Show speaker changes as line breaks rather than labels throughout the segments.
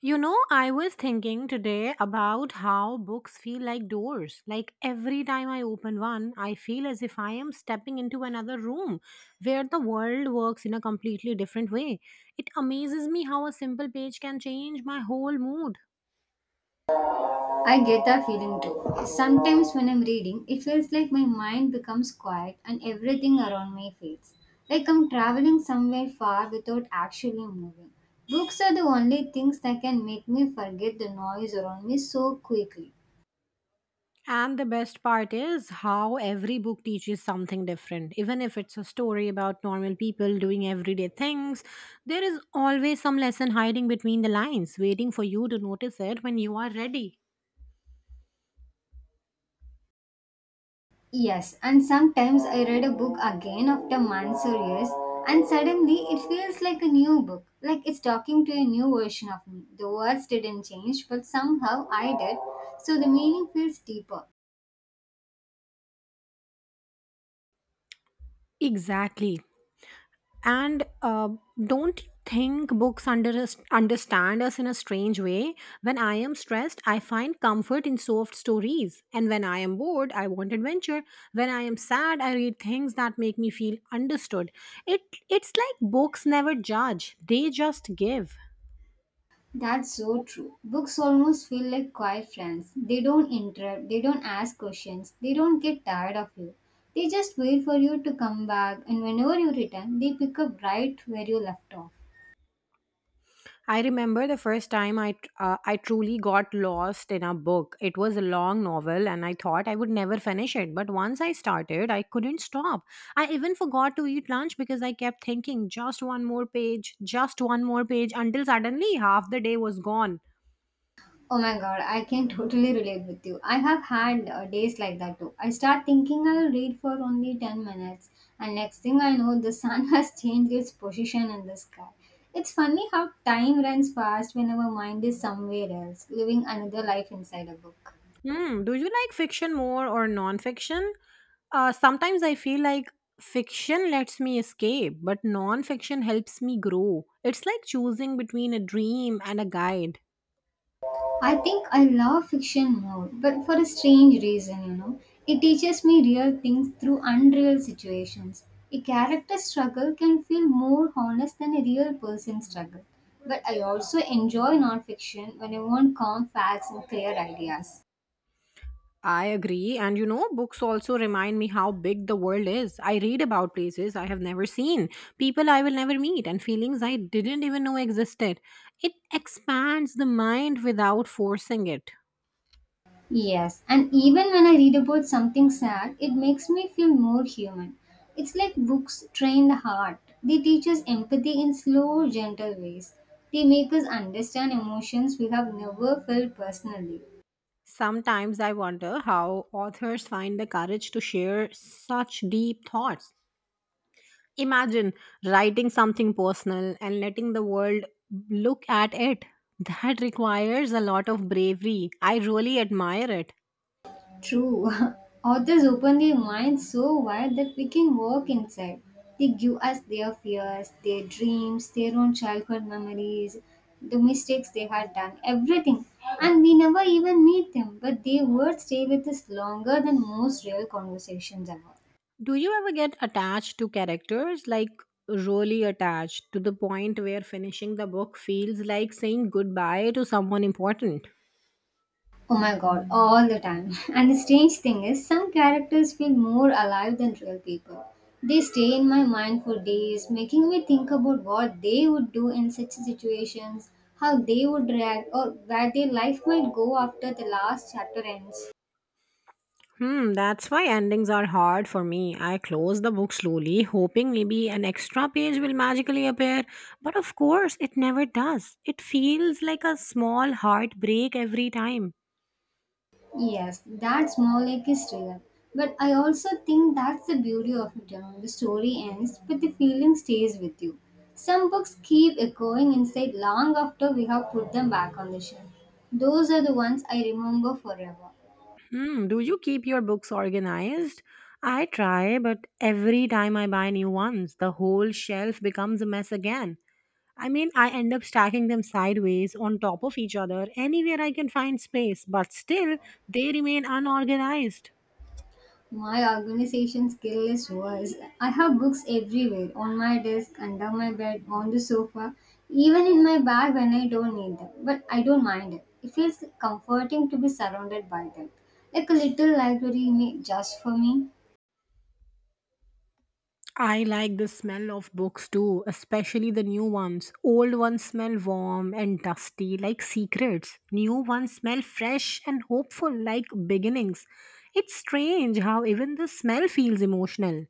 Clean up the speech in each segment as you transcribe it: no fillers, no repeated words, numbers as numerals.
You know, I was thinking today about how books feel like doors. Like every time I open one, I feel as if I am stepping into another room where the world works in a completely different way. It amazes me how a simple page can change my whole mood.
I get that feeling too. Sometimes when I'm reading, it feels like my mind becomes quiet and everything around me fades. Like I'm traveling somewhere far without actually moving. Books are the only things that can make me forget the noise around me so quickly.
And the best part is how every book teaches something different. Even if it's a story about normal people doing everyday things, there is always some lesson hiding between the lines, waiting for you to notice it when you are ready.
Yes, and sometimes I read a book again after months or years, and suddenly it feels like a new book, like it's talking to a new version of me. The words didn't change, but somehow I did, so the meaning feels deeper.
Exactly. And Don't you think books understand us in a strange way? When I am stressed, I find comfort in soft stories. And when I am bored, I want adventure. When I am sad, I read things that make me feel understood. It, it's like books never judge, they just give.
That's so true. Books almost feel like quiet friends. They don't interrupt, they don't ask questions, they don't get tired of you. They just wait for you to come back, and whenever you return, they pick up right where you left off.
I remember the first time I truly got lost in a book. It was a long novel and I thought I would never finish it, but once I started, I couldn't stop. I even forgot to eat lunch because I kept thinking just one more page, just one more page until suddenly half the day was gone.
Oh my god, I can totally relate with you. I have had days like that too. I start thinking I'll read for only 10 minutes, and next thing I know, the sun has changed its position in the sky. It's funny how time runs fast when our mind is somewhere else, living another life inside a book.
Hmm, do you like fiction more or non-fiction? Sometimes I feel like fiction lets me escape, but non-fiction helps me grow. It's like choosing between a dream and a guide.
I think I love fiction more, but for a strange reason, you know. It teaches me real things through unreal situations. A character's struggle can feel more honest than a real person's struggle. But I also enjoy non-fiction when I want calm facts and clear ideas.
I agree. And you know, books also remind me how big the world is. I read about places I have never seen, people I will never meet, and feelings I didn't even know existed. It expands the mind without forcing it.
Yes, and even when I read about something sad, it makes me feel more human. It's like books train the heart. They teach us empathy in slow, gentle ways. They make us understand emotions we have never felt personally.
Sometimes I wonder how authors find the courage to share such deep thoughts. Imagine writing something personal and letting the world look at it. That requires a lot of bravery. I really admire it.
True. Authors open their minds so wide that we can walk inside. They give us their fears, their dreams, their own childhood memories, the mistakes they had done, everything. And we never even meet them, but their words stay with us longer than most real conversations ever.
Do you ever get attached to characters, like really attached to the point where finishing the book feels like saying goodbye to someone important?
Oh my god, all the time. And the strange thing is, some characters feel more alive than real people. They stay in my mind for days, making me think about what they would do in such situations, how they would react, or where their life might go after the last chapter ends.
Hmm, that's why endings are hard for me. I close the book slowly, hoping maybe an extra page will magically appear, but of course it never does. It feels like a small heartbreak every time.
Yes, that small lake is real. But I also think that's the beauty of it. You know, the story ends, but the feeling stays with you. Some books keep echoing inside long after we have put them back on the shelf. Those are the ones I remember forever.
Hmm, do you keep your books organized? I try, but every time I buy new ones, the whole shelf becomes a mess again. I mean, I end up stacking them sideways on top of each other anywhere I can find space, but still, they remain unorganized.
My organization skill is worse. I have books everywhere on my desk, under my bed, on the sofa, even in my bag when I don't need them. But I don't mind it. It feels comforting to be surrounded by them. Like a little just for me.
I like the smell of books too, especially the new ones. Old ones smell warm and dusty, like secrets. New ones smell fresh and hopeful, like beginnings. It's strange how even the smell feels emotional.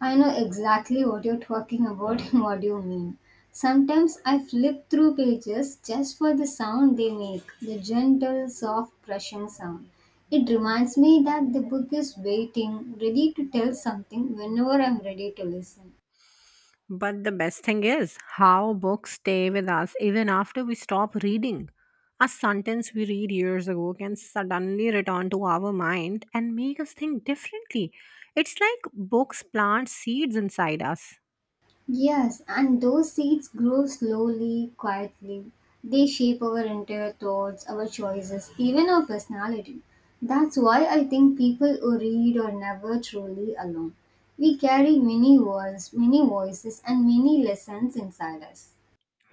I know exactly what you're talking about and what you mean. Sometimes I flip through pages just for the sound they make, the gentle, soft brushing sound. It reminds me that the book is waiting, ready to tell something whenever I'm ready to listen.
But the best thing is how books stay with us even after we stop reading. A sentence we read years ago can suddenly return to our mind and make us think differently. It's like books plant seeds inside us.
Yes, and those seeds grow slowly, quietly. They shape our entire thoughts, our choices, even our personality. That's why I think people who read are never truly alone. We carry many worlds, many voices, and many lessons inside us.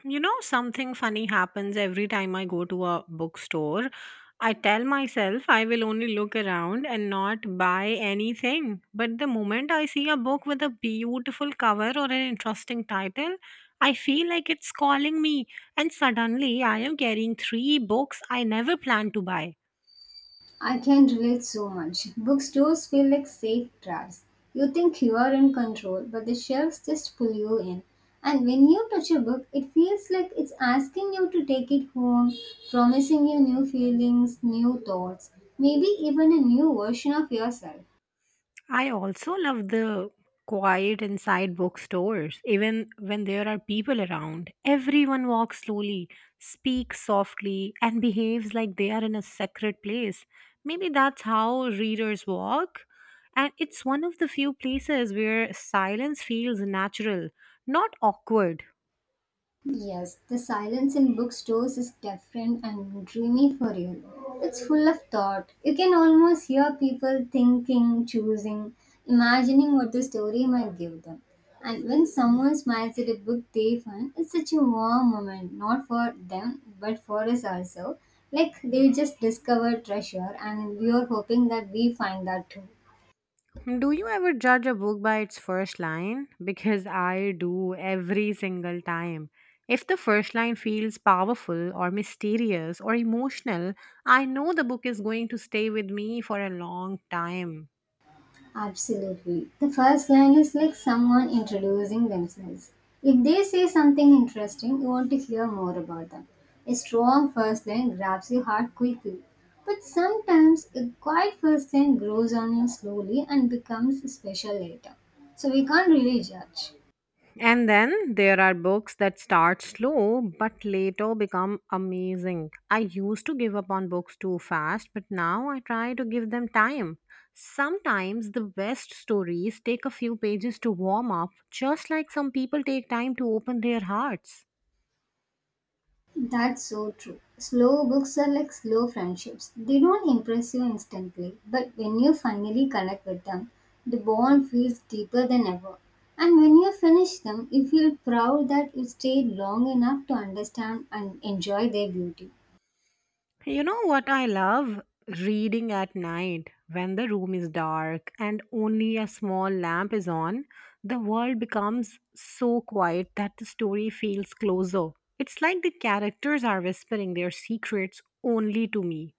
You know, something funny happens every time I go to a bookstore. I tell myself I will only look around and not buy anything. But the moment I see a book with a beautiful cover or an interesting title, I feel like it's calling me, and suddenly I am carrying three books I never planned to buy.
I can relate so much. Bookstores feel like safe drives. You think you are in control, but the shelves just pull you in. And when you touch a book, it feels like it's asking you to take it home, promising you new feelings, new thoughts, maybe even a new version of yourself.
I also love the quiet inside bookstores. Even when there are people around, everyone walks slowly, speaks softly, and behaves like they are in a sacred place. Maybe that's how readers walk. And it's one of the few places where silence feels natural, not awkward.
Yes, the silence in bookstores is different and dreamy for you. It's full of thought. You can almost hear people thinking, choosing, imagining what the story might give them. And when someone smiles at a book they find, it's such a warm moment, not for them, but for us also. Like they just discover treasure, and we are hoping that we find that too.
Do you ever judge a book by its first line? Because I do every single time. If the first line feels powerful or mysterious or emotional, I know the book is going to stay with me for a long time.
Absolutely. The first line is like someone introducing themselves. If they say something interesting, you want to hear more about them. A strong first line grabs your heart quickly. But sometimes a quiet first line grows on you slowly and becomes special later. So we can't really judge.
And then there are books that start slow but later become amazing. I used to give up on books too fast, but now I try to give them time. Sometimes the best stories take a few pages to warm up, just like some people take time to open their hearts.
That's so true. Slow books are like slow friendships. They don't impress you instantly, but when you finally connect with them, the bond feels deeper than ever. And when you finish them, you feel proud that you stayed long enough to understand and enjoy their beauty.
You know what I love? Reading at night when the room is dark and only a small lamp is on, the world becomes so quiet that the story feels closer. It's like the characters are whispering their secrets only to me.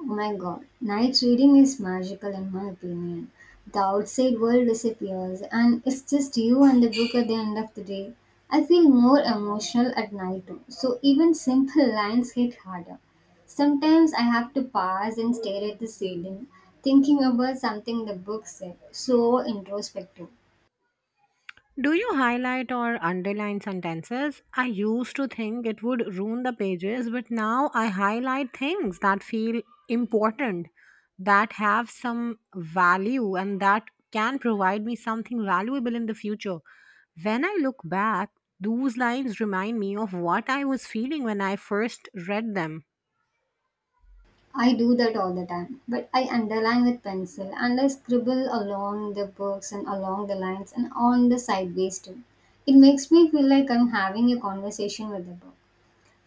Oh my god, night reading is magical in my opinion. The outside world disappears and it's just you and the book at the end of the day. I feel more emotional at night too, so even simple lines hit harder. Sometimes I have to pause and stare at the ceiling, thinking about something the book said. So introspective.
Do you highlight or underline sentences? I used to think it would ruin the pages, but now I highlight things that feel important, that have some value, and that can provide me something valuable in the future. When I look back, those lines remind me of what I was feeling when I first read them.
I do that all the time, but I underline with pencil and I scribble along the books and along the lines and on the sideways too. It makes me feel like I'm having a conversation with the book,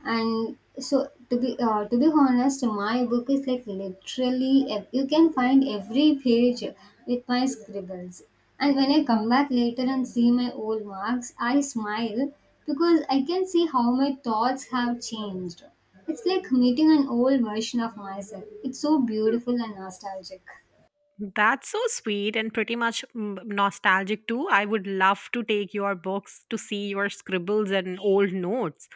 and so to be honest, my book is like literally you can find every page with my scribbles. And when I come back later and see my old marks, I smile, because I can see how my thoughts have changed. It's like meeting an old version of myself. It's so beautiful and nostalgic.
That's so sweet and pretty much nostalgic too. I would love to take your books to see your scribbles and old notes.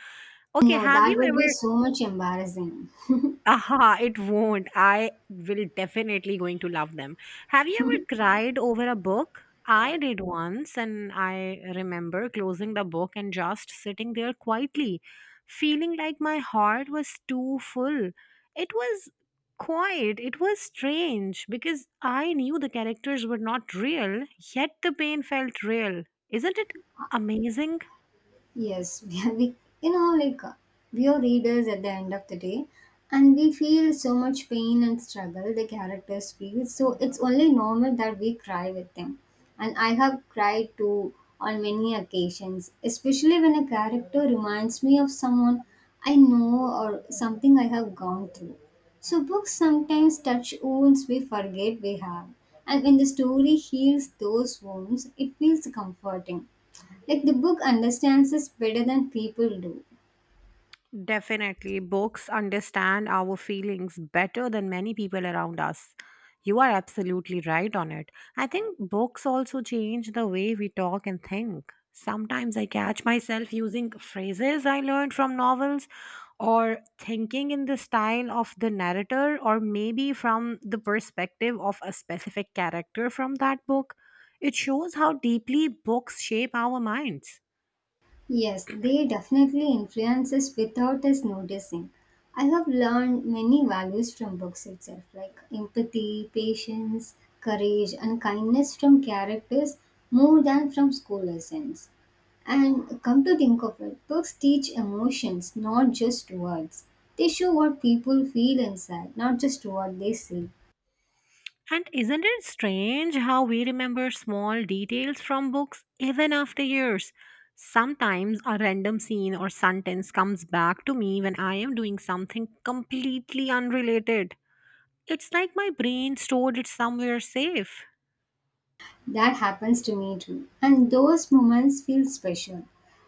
Okay,
No,
have
that
you
would be
ever.
so much embarrassing.
Aha, it won't. I will definitely going to love them. Have you ever cried over a book? I did once and I remember closing the book and just sitting there quietly, feeling like my heart was too full. It was quiet. It was strange because I knew the characters were not real, yet the pain felt real. Isn't it amazing?
Yes, we you know we are readers at the end of the day, and we feel so much pain and struggle the characters feel. So it's only normal that we cry with them, and I have cried too on many occasions, especially when a character reminds me of someone I know or something I have gone through. So books sometimes touch wounds we forget we have, and when the story heals those wounds, it feels comforting. Like the book understands us better than people do.
Definitely, books understand our feelings better than many people around us. You are absolutely right on it. I think books also change the way we talk and think. Sometimes I catch myself using phrases I learned from novels or thinking in the style of the narrator or maybe from the perspective of a specific character from that book. It shows how deeply books shape our minds.
Yes, they definitely influence us without us noticing. I have learned many values from books itself, like empathy, patience, courage, and kindness from characters more than from school lessons. And come to think of it, books teach emotions, not just words. They show what people feel inside, not just what they see.
And isn't it strange how we remember small details from books even after years? Sometimes a random scene or sentence comes back to me when I am doing something completely unrelated. It's like my brain stored it somewhere safe.
That happens to me too. And those moments feel special.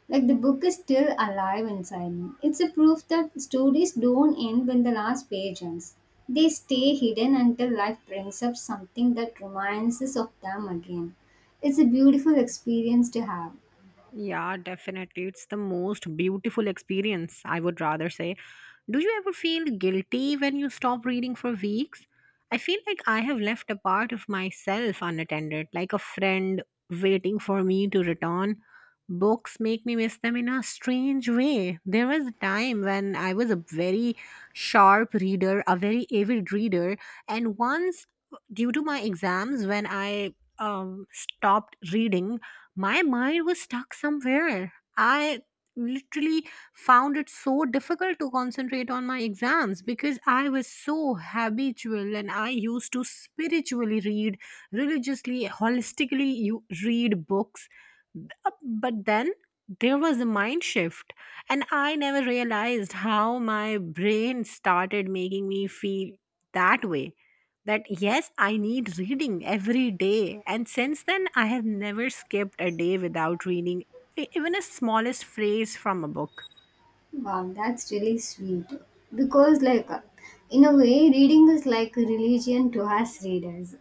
Like the book is still alive inside me. It's a proof that stories don't end when the last page ends. They stay hidden until life brings up something that reminds us of them again. It's a beautiful experience to have.
Yeah, definitely. It's the most beautiful experience, I would rather say. Do you ever feel guilty when you stop reading for weeks? I feel like I have left a part of myself unattended, like a friend waiting for me to return. Books make me miss them in a strange way. There was a time when I was a very sharp reader, a very avid reader, and once, due to my exams, when I stopped reading my mind was stuck somewhere. I literally found it so difficult to concentrate on my exams because I was so habitual and I used to spiritually read, religiously, holistically you read books. But then there was a mind shift and I never realized how my brain started making me feel that way, that yes, I need reading every day. And since then, I have never skipped a day without reading even a smallest phrase from a book.
Wow, that's really sweet. Because, like, in a way, reading is like a religion to us readers.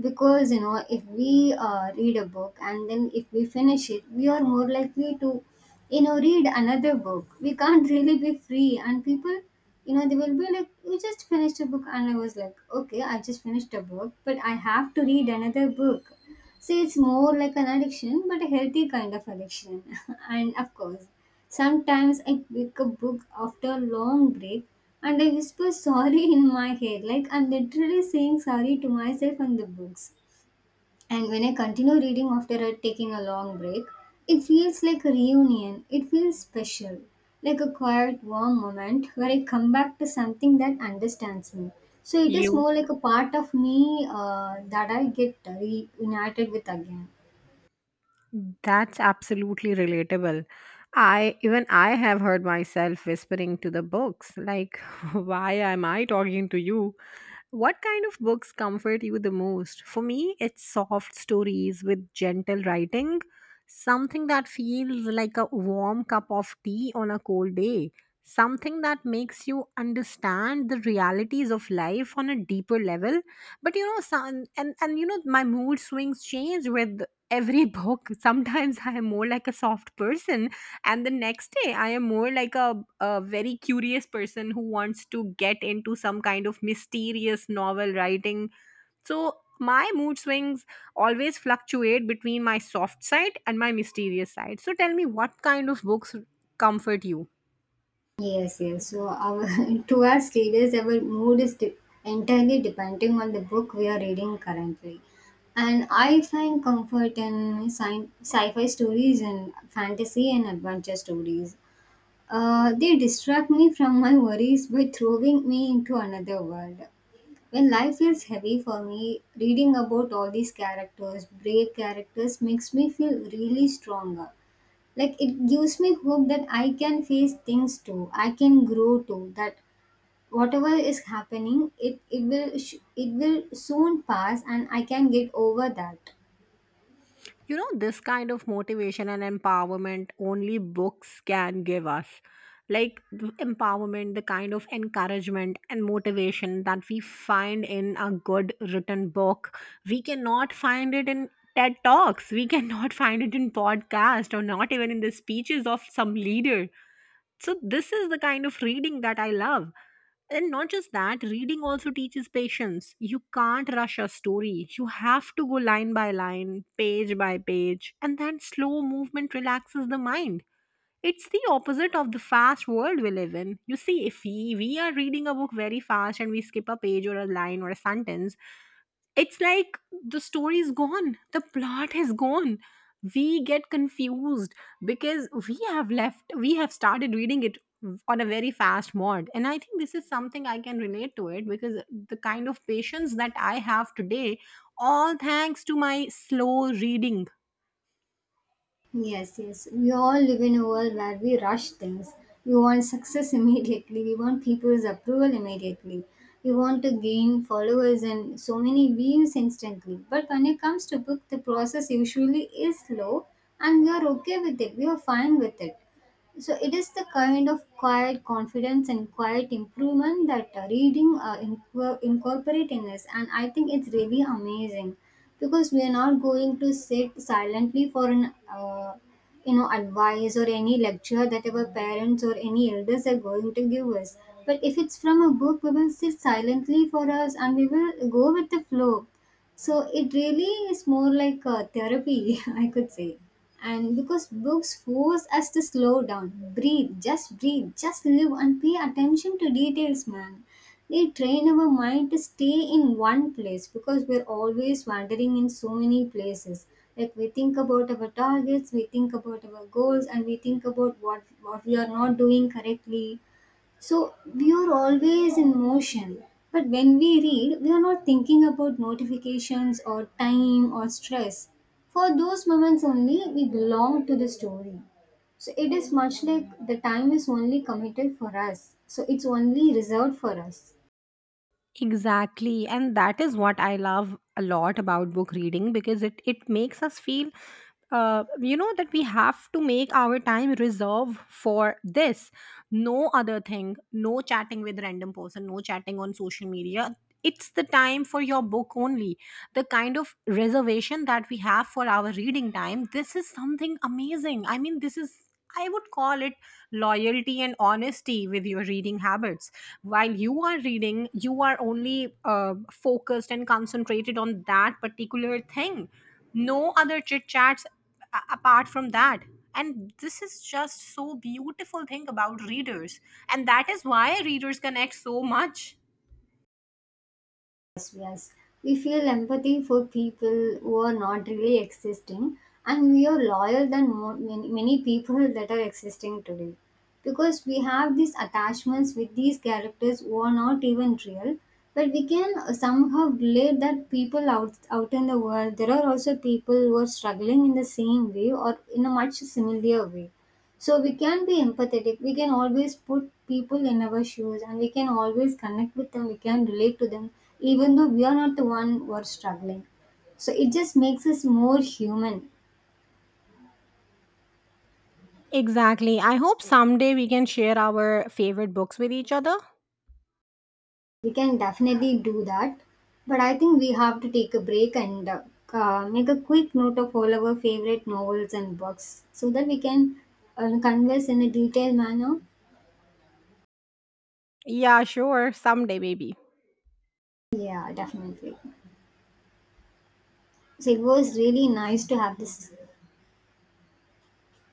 Because, you know, if we read a book and then if we finish it, we are more likely to, you know, read another book. We can't really be free. And people, you know, they will be like, "You just finished a book." And I was like, "Okay, I just finished a book, but I have to read another book." So it's more like an addiction, but a healthy kind of addiction. And of course, sometimes I pick a book after a long break and I whisper sorry in my head, like I'm literally saying sorry to myself and the books. And when I continue reading after taking a long break, it feels like a reunion. It feels special, like a quiet, warm moment where I come back to something that understands me. So it is
You,
more like a part of me that I get reunited with again.
that's absolutely relatable. I even I have heard myself whispering to the books like why am I talking to you? What kind of books comfort you the most? For me, it's soft stories with gentle writing, something that feels like a warm cup of tea on a cold day, something that makes you understand the realities of life on a deeper level. But you know, some, and you know, my mood swings change with every book. Sometimes I am more like a soft person and the next day I am more like a very curious person who wants to get into some kind of mysterious novel writing, so my mood swings always fluctuate between my soft side and my mysterious side. So tell me, what kind of books comfort you?
Yes, yes. So our to us readers, our mood is entirely depending on the book we are reading currently. And I find comfort in sci-fi stories and fantasy and adventure stories. They distract me from my worries by throwing me into another world. When life feels heavy for me, reading about all these characters, brave characters, makes me feel really stronger. Like it gives me hope that I can face things too, I can grow too, that whatever is happening, it will it will soon pass and I can get over that.
You know, this kind of motivation and empowerment only books can give us. Like the empowerment, the kind of encouragement and motivation that we find in a good written book, we cannot find it in TED Talks. We cannot find it in podcast or not even in the speeches of some leader. So this is the kind of reading that I love. And not just that, reading also teaches patience. You can't rush a story. You have to go line by line, page by page, and that slow movement relaxes the mind. It's the opposite of the fast world we live in. You see, if we are reading a book very fast and we skip a page or a line or a sentence, it's like the story is gone, the plot is gone, we get confused because we have left, we have started reading it on a very fast mode. And I think this is something I can relate to it, because the kind of patience that I have today, all thanks to my slow reading.
Yes, yes, we all live in a world where we rush things. We want success immediately, we want people's approval immediately, we want to gain followers and so many views instantly. But when it comes to book, the process usually is slow, and we are okay with it, we are fine with it. So it is the kind of quiet confidence and quiet improvement that reading incorporate in us, and I think it's really amazing, because we are not going to sit silently for an you know, advice or any lecture that our parents or any elders are going to give us. But if it's from a book, we will sit silently for us and we will go with the flow. So it really is more like a therapy, I could say. And because books force us to slow down, breathe, just live and pay attention to details, man. They train our mind to stay in one place because we're always wandering in so many places. Like we think about our targets, we think about our goals, and we think about what we are not doing correctly, so we are always in motion. But when we read, we are not thinking about notifications or time or stress. For those moments only, we belong to the story. So it is much like the time is only committed for us. So it's only reserved for us.
Exactly. And that is what I love a lot about book reading, because it makes us feel, you know, that we have to make our time reserve for this. No other thing, no chatting with random person, no chatting on social media. It's the time for your book only. The kind of reservation that we have for our reading time, this is something amazing. I mean, this is, I would call it loyalty and honesty with your reading habits. While you are reading, you are only focused and concentrated on that particular thing. No other chit chats apart from that. And this is just so beautiful thing about readers, and that is why readers connect so much.
As us. We feel empathy for people who are not really existing, and we are loyal than more, many, many people that are existing today. Because we have these attachments with these characters who are not even real, but we can somehow relate that people out in the world, there are also people who are struggling in the same way or in a much similar way, so we can be empathetic. We can always put people in our shoes and we can always connect with them. We can relate to them, even though we are not the one who are struggling. So it just makes us more human.
Exactly. I hope someday we can share our favorite books with each other.
We can definitely do that. But I think we have to take a break and make a quick note of all our favorite novels and books so that we can converse in a detailed manner.
Yeah, sure. Someday, baby.
Yeah, definitely. So it was really nice to have this